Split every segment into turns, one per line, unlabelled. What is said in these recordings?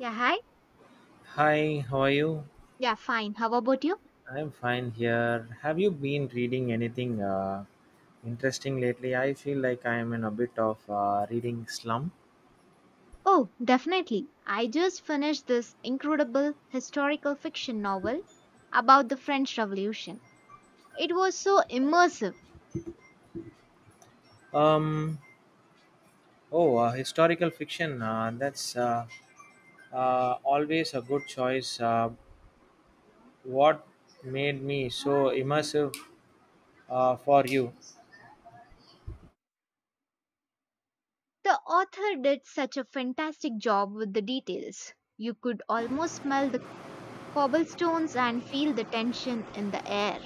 Yeah, hi.
Hi, how are you?
Yeah, fine. How about you?
I'm fine here. Have you been reading anything interesting lately? I feel like I am in a bit of reading slump.
Oh, definitely. I just finished this incredible historical fiction novel about the French Revolution. It was so immersive.
Um, oh, Historical fiction. That's always a good choice. What made me so immersive for you?
The author did such a fantastic job with the details. You could almost smell the cobblestones and feel the tension in the air.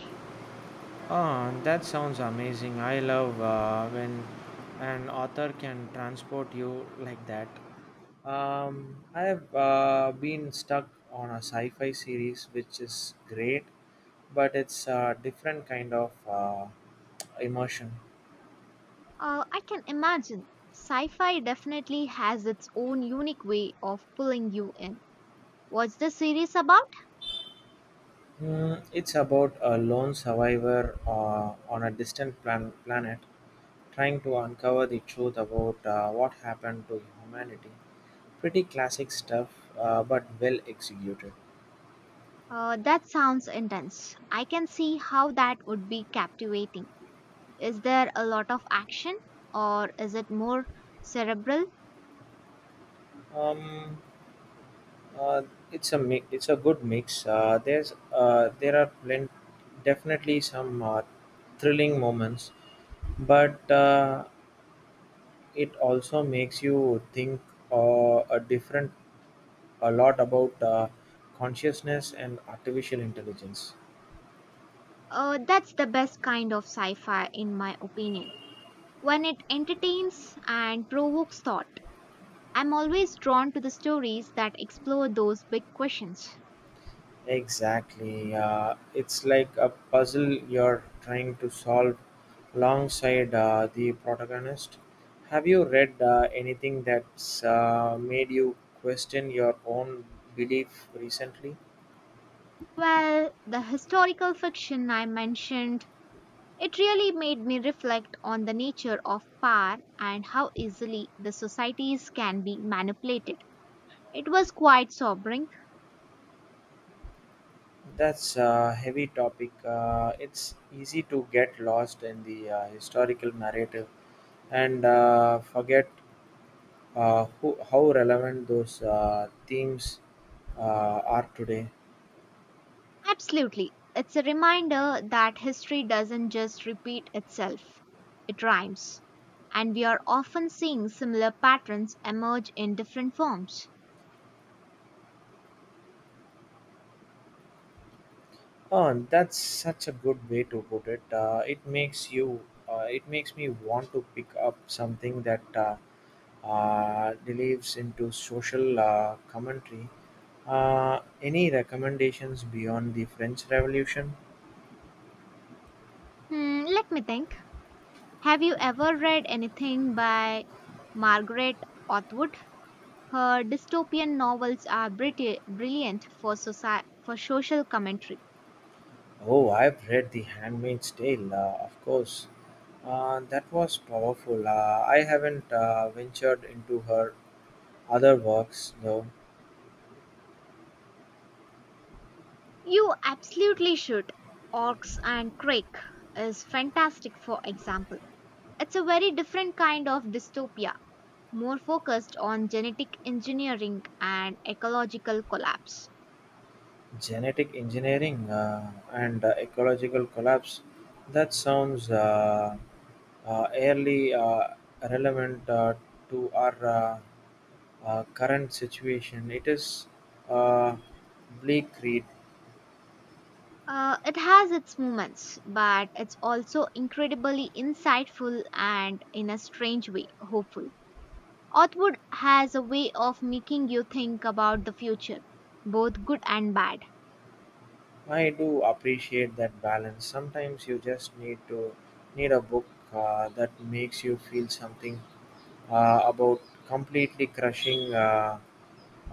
Ah, that sounds amazing. I love when an author can transport you like that. I have been stuck on a sci fi series which is great, but it's a different kind of immersion.
I can imagine. Sci fi definitely has its own unique way of pulling you in. What's the series about?
It's about a lone survivor on a distant planet trying to uncover the truth about what happened to humanity. Pretty classic stuff, but well executed.
That sounds intense. I can see how that would be captivating. Is there a lot of action or is it more cerebral?
Um, uh, it's a good mix. There are definitely some thrilling moments, but it also makes you think uh, a different a lot about consciousness and artificial intelligence.
That's the best kind of sci fi, in my opinion. When it entertains and provokes thought, I'm always drawn to the stories that explore those big questions.
Exactly. It's like a puzzle you're trying to solve alongside the protagonist. Have you read anything that's made you question your own belief recently?
Well, the historical fiction I mentioned, it really made me reflect on the nature of power and how easily the societies can be manipulated. It was quite sobering.
That's a heavy topic. It's easy to get lost in the historical narrative and forget how relevant those themes are today.
Absolutely. It's a reminder that history doesn't just repeat itself, it rhymes. And we are often seeing similar patterns emerge in different forms.
Oh, and that's such a good way to put it. It makes me want to pick up something that delves into social commentary. Any recommendations beyond the French Revolution?
Let me think. Have you ever read anything by Margaret Atwood? Her dystopian novels are brilliant for, for social commentary.
Oh, I've read The Handmaid's Tale, of course. That was powerful. I haven't ventured into her other works though.
You absolutely should. Orcs and Crake is fantastic, for example. It's a very different kind of dystopia, more focused on genetic engineering and ecological collapse.
Genetic engineering and ecological collapse. That sounds airly relevant to our current situation. It is uh, bleak read.
It has its moments, but it's also incredibly insightful and, in a strange way, hopeful. Authwood has a way of making you think about the future, both good and bad.
I do appreciate that balance. Sometimes you just need a book that makes you feel something about completely crushing uh,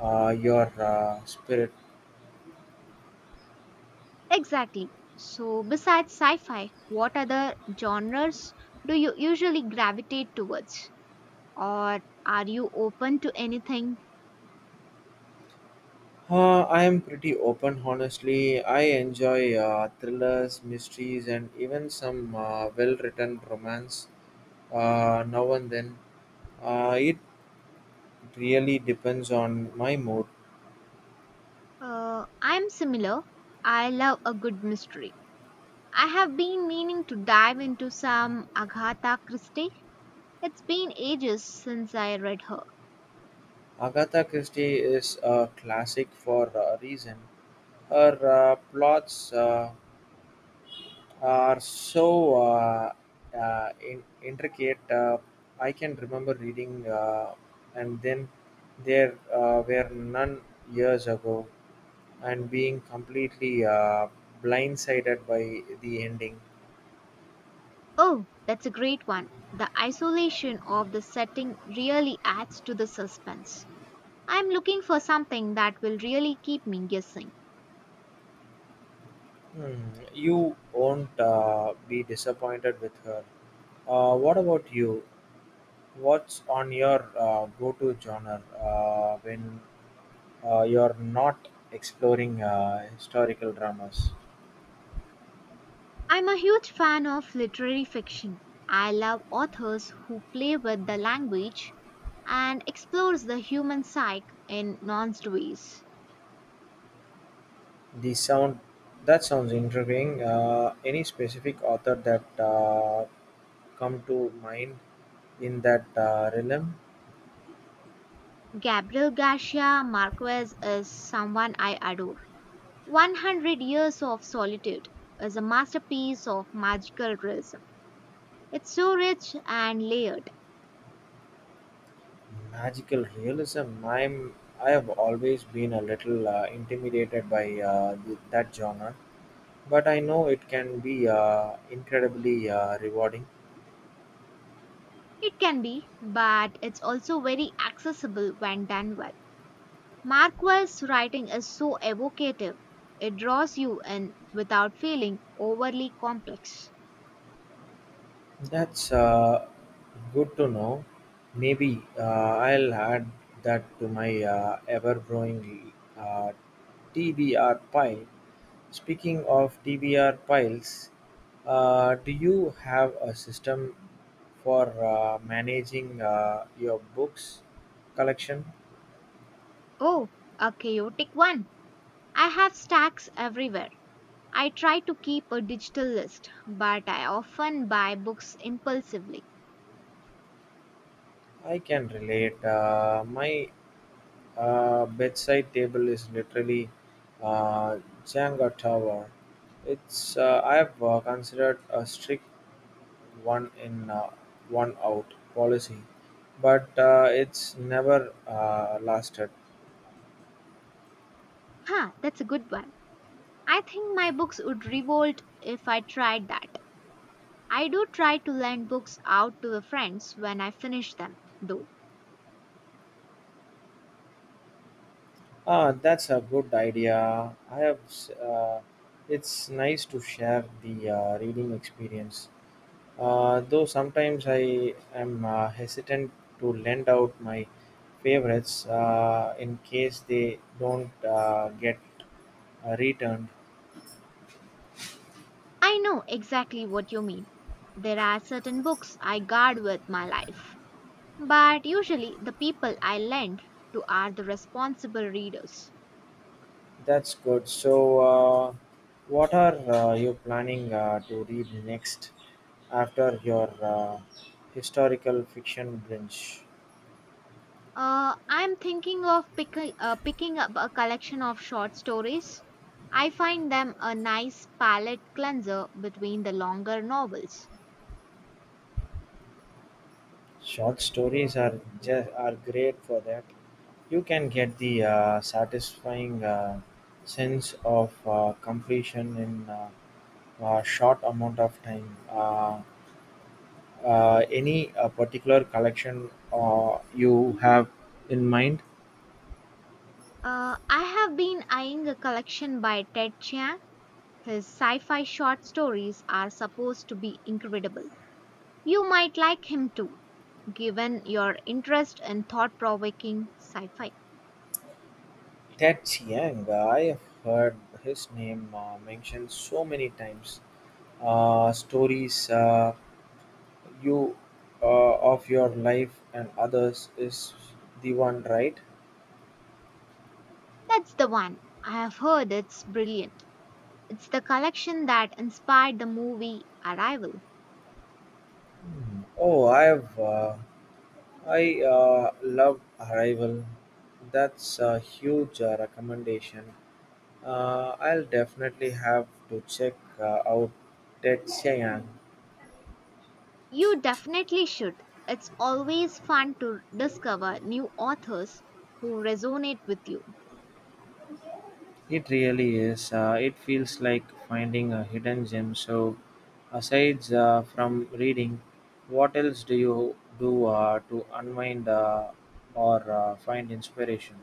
uh, your spirit.
Exactly. So, besides sci fi, what other genres do you usually gravitate towards? Or are you open to anything?
I am pretty open, honestly. I enjoy thrillers, mysteries, and even some well written romance now and then. It really depends on my mood.
I'm similar. I love a good mystery. I have been meaning to dive into some Agatha Christie. It's been ages since I read her.
Agatha Christie is a classic for a reason. Her plots are so intricate. I can remember reading, and then there were none years ago, and being completely blindsided by the ending.
Oh, that's a great one. The isolation of the setting really adds to the suspense. I'm looking for something that will really keep me guessing.
Hmm, you won't be disappointed with her. What about you? What's on your go-to genre when you're not exploring historical dramas?
I'm a huge fan of literary fiction. I love authors who play with the language and explores the human psyche in nuanced ways.
The sound That sounds intriguing. Any specific author that come to mind in that realm?
Gabriel Garcia Marquez is someone I adore. 100 Years of Solitude is a masterpiece of magical realism. It's so rich and layered.
Magical realism. I have always been a little intimidated by that genre, but I know it can be incredibly rewarding.
It can be, but it's also very accessible when done well. Marquez's writing is so evocative, it draws you in without feeling overly complex.
That's good to know. Maybe I'll add that to my ever-growing TBR pile. Speaking of TBR piles, do you have a system for managing your books collection?
Oh, a chaotic one. I have stacks everywhere. I try to keep a digital list, but I often buy books impulsively.
I can relate. My bedside table is literally uh, Jenga tower. It's I have considered a strict one in one out policy, but it's never lasted.
Huh, that's a good one. I think my books would revolt if I tried that. I do try to lend books out to the friends when I finish them, though.
Ah, that's a good idea. It's nice to share the reading experience. Though sometimes I am hesitant to lend out my favorites in case they don't get returned.
I know exactly what you mean. There are certain books I guard with my life, but usually the people I lend to are the responsible readers.
That's good. So, what are you planning to read next after your historical fiction binge?
I'm thinking of picking up a collection of short stories. I find them a nice palette cleanser between the longer novels.
Short stories are great for that. You can get the satisfying sense of completion in. Short amount of time. Any particular collection you have in mind?
I have been eyeing a collection by Ted Chiang. His sci fi short stories are supposed to be incredible. You might like him too, given your interest in thought provoking sci fi.
Ted Chiang, I have heard his name mentioned so many times. Stories you of your life and others is the one, right?
That's the one. I have heard it's brilliant. It's the collection that inspired the movie Arrival.
Hmm. Oh, I have. I love Arrival. That's a huge recommendation. I'll definitely have to check out Ted Chiang.
You definitely should. It's always fun to discover new authors who resonate with you.
It really is. It feels like finding a hidden gem. So, aside from reading, what else do you do to unwind or find inspiration?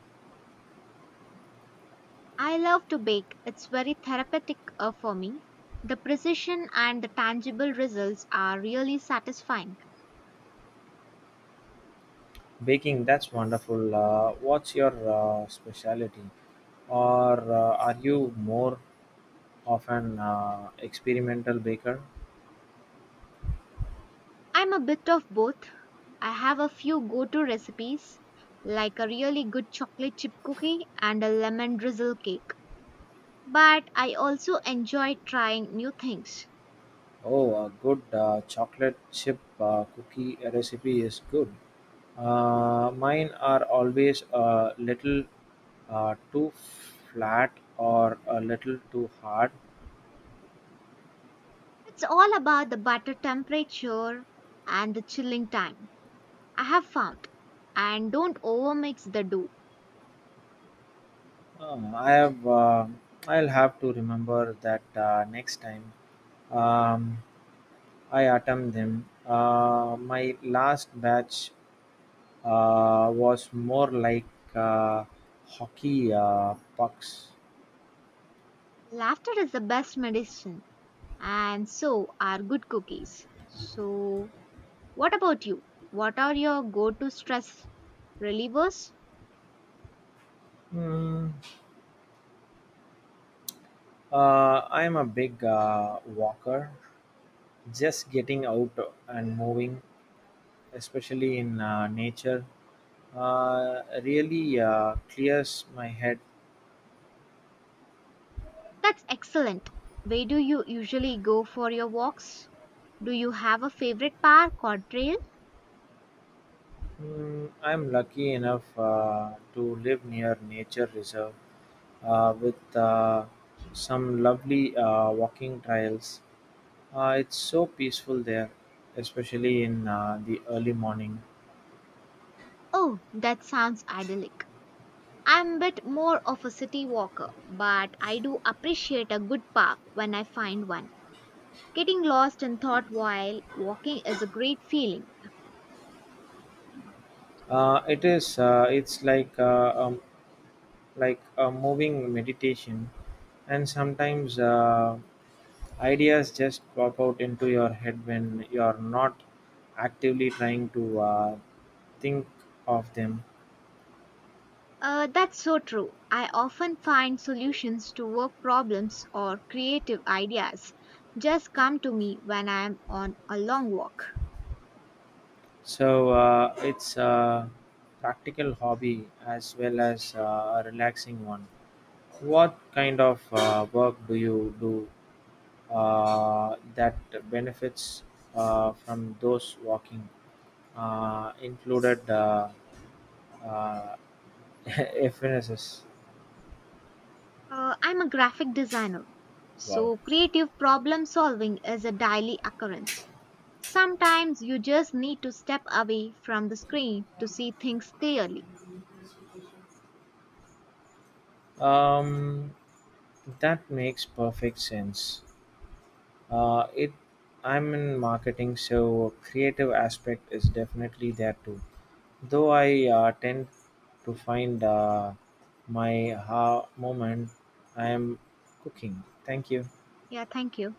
I love to bake, it's very therapeutic for me. The precision and the tangible results are really satisfying.
Baking, that's wonderful. What's your specialty? Or are you more of an experimental baker?
I'm a bit of both. I have a few go to recipes, like a really good chocolate chip cookie and a lemon drizzle cake. But I also enjoy trying new things.
Oh, a good chocolate chip cookie recipe is good. Mine are always a little too flat or a little too hard.
It's all about the butter temperature and the chilling time, I have found. And don't overmix the dough.
Uh, I have uh, I'll have to remember that next time um, I attempt them. My last batch was more like uh, hockey pucks.
Laughter is the best medicine, and so are good cookies. So, what about you? What are your go to stress relievers?
Hmm. I'm a big walker. Just getting out and moving, especially in nature, really clears my head.
That's excellent. Where do you usually go for your walks? Do you have a favorite park or trail?
I'm lucky enough to live near nature reserve with some lovely walking trails. It's so peaceful there, especially in the early morning.
Oh, that sounds idyllic. I'm a bit more of a city walker, but I do appreciate a good park when I find one. Getting lost in thought while walking is a great feeling.
It is. It's like a moving meditation, and sometimes ideas just pop out into your head when you're not actively trying to think of them.
That's so true. I often find solutions to work problems or creative ideas just come to me when I am on a long walk.
So it's a practical hobby as well as a relaxing one. What kind of work do you do that benefits from those walking? Included uh, FNSS.
I'm a graphic designer,
Wow.
so creative problem solving is a daily occurrence. Sometimes you just need to step away from the screen to see things clearly.
Um, that makes perfect sense. It. I'm in marketing, so creative aspect is definitely there too. Though I tend to find my ha moment I am cooking. Thank you.
Yeah, thank you.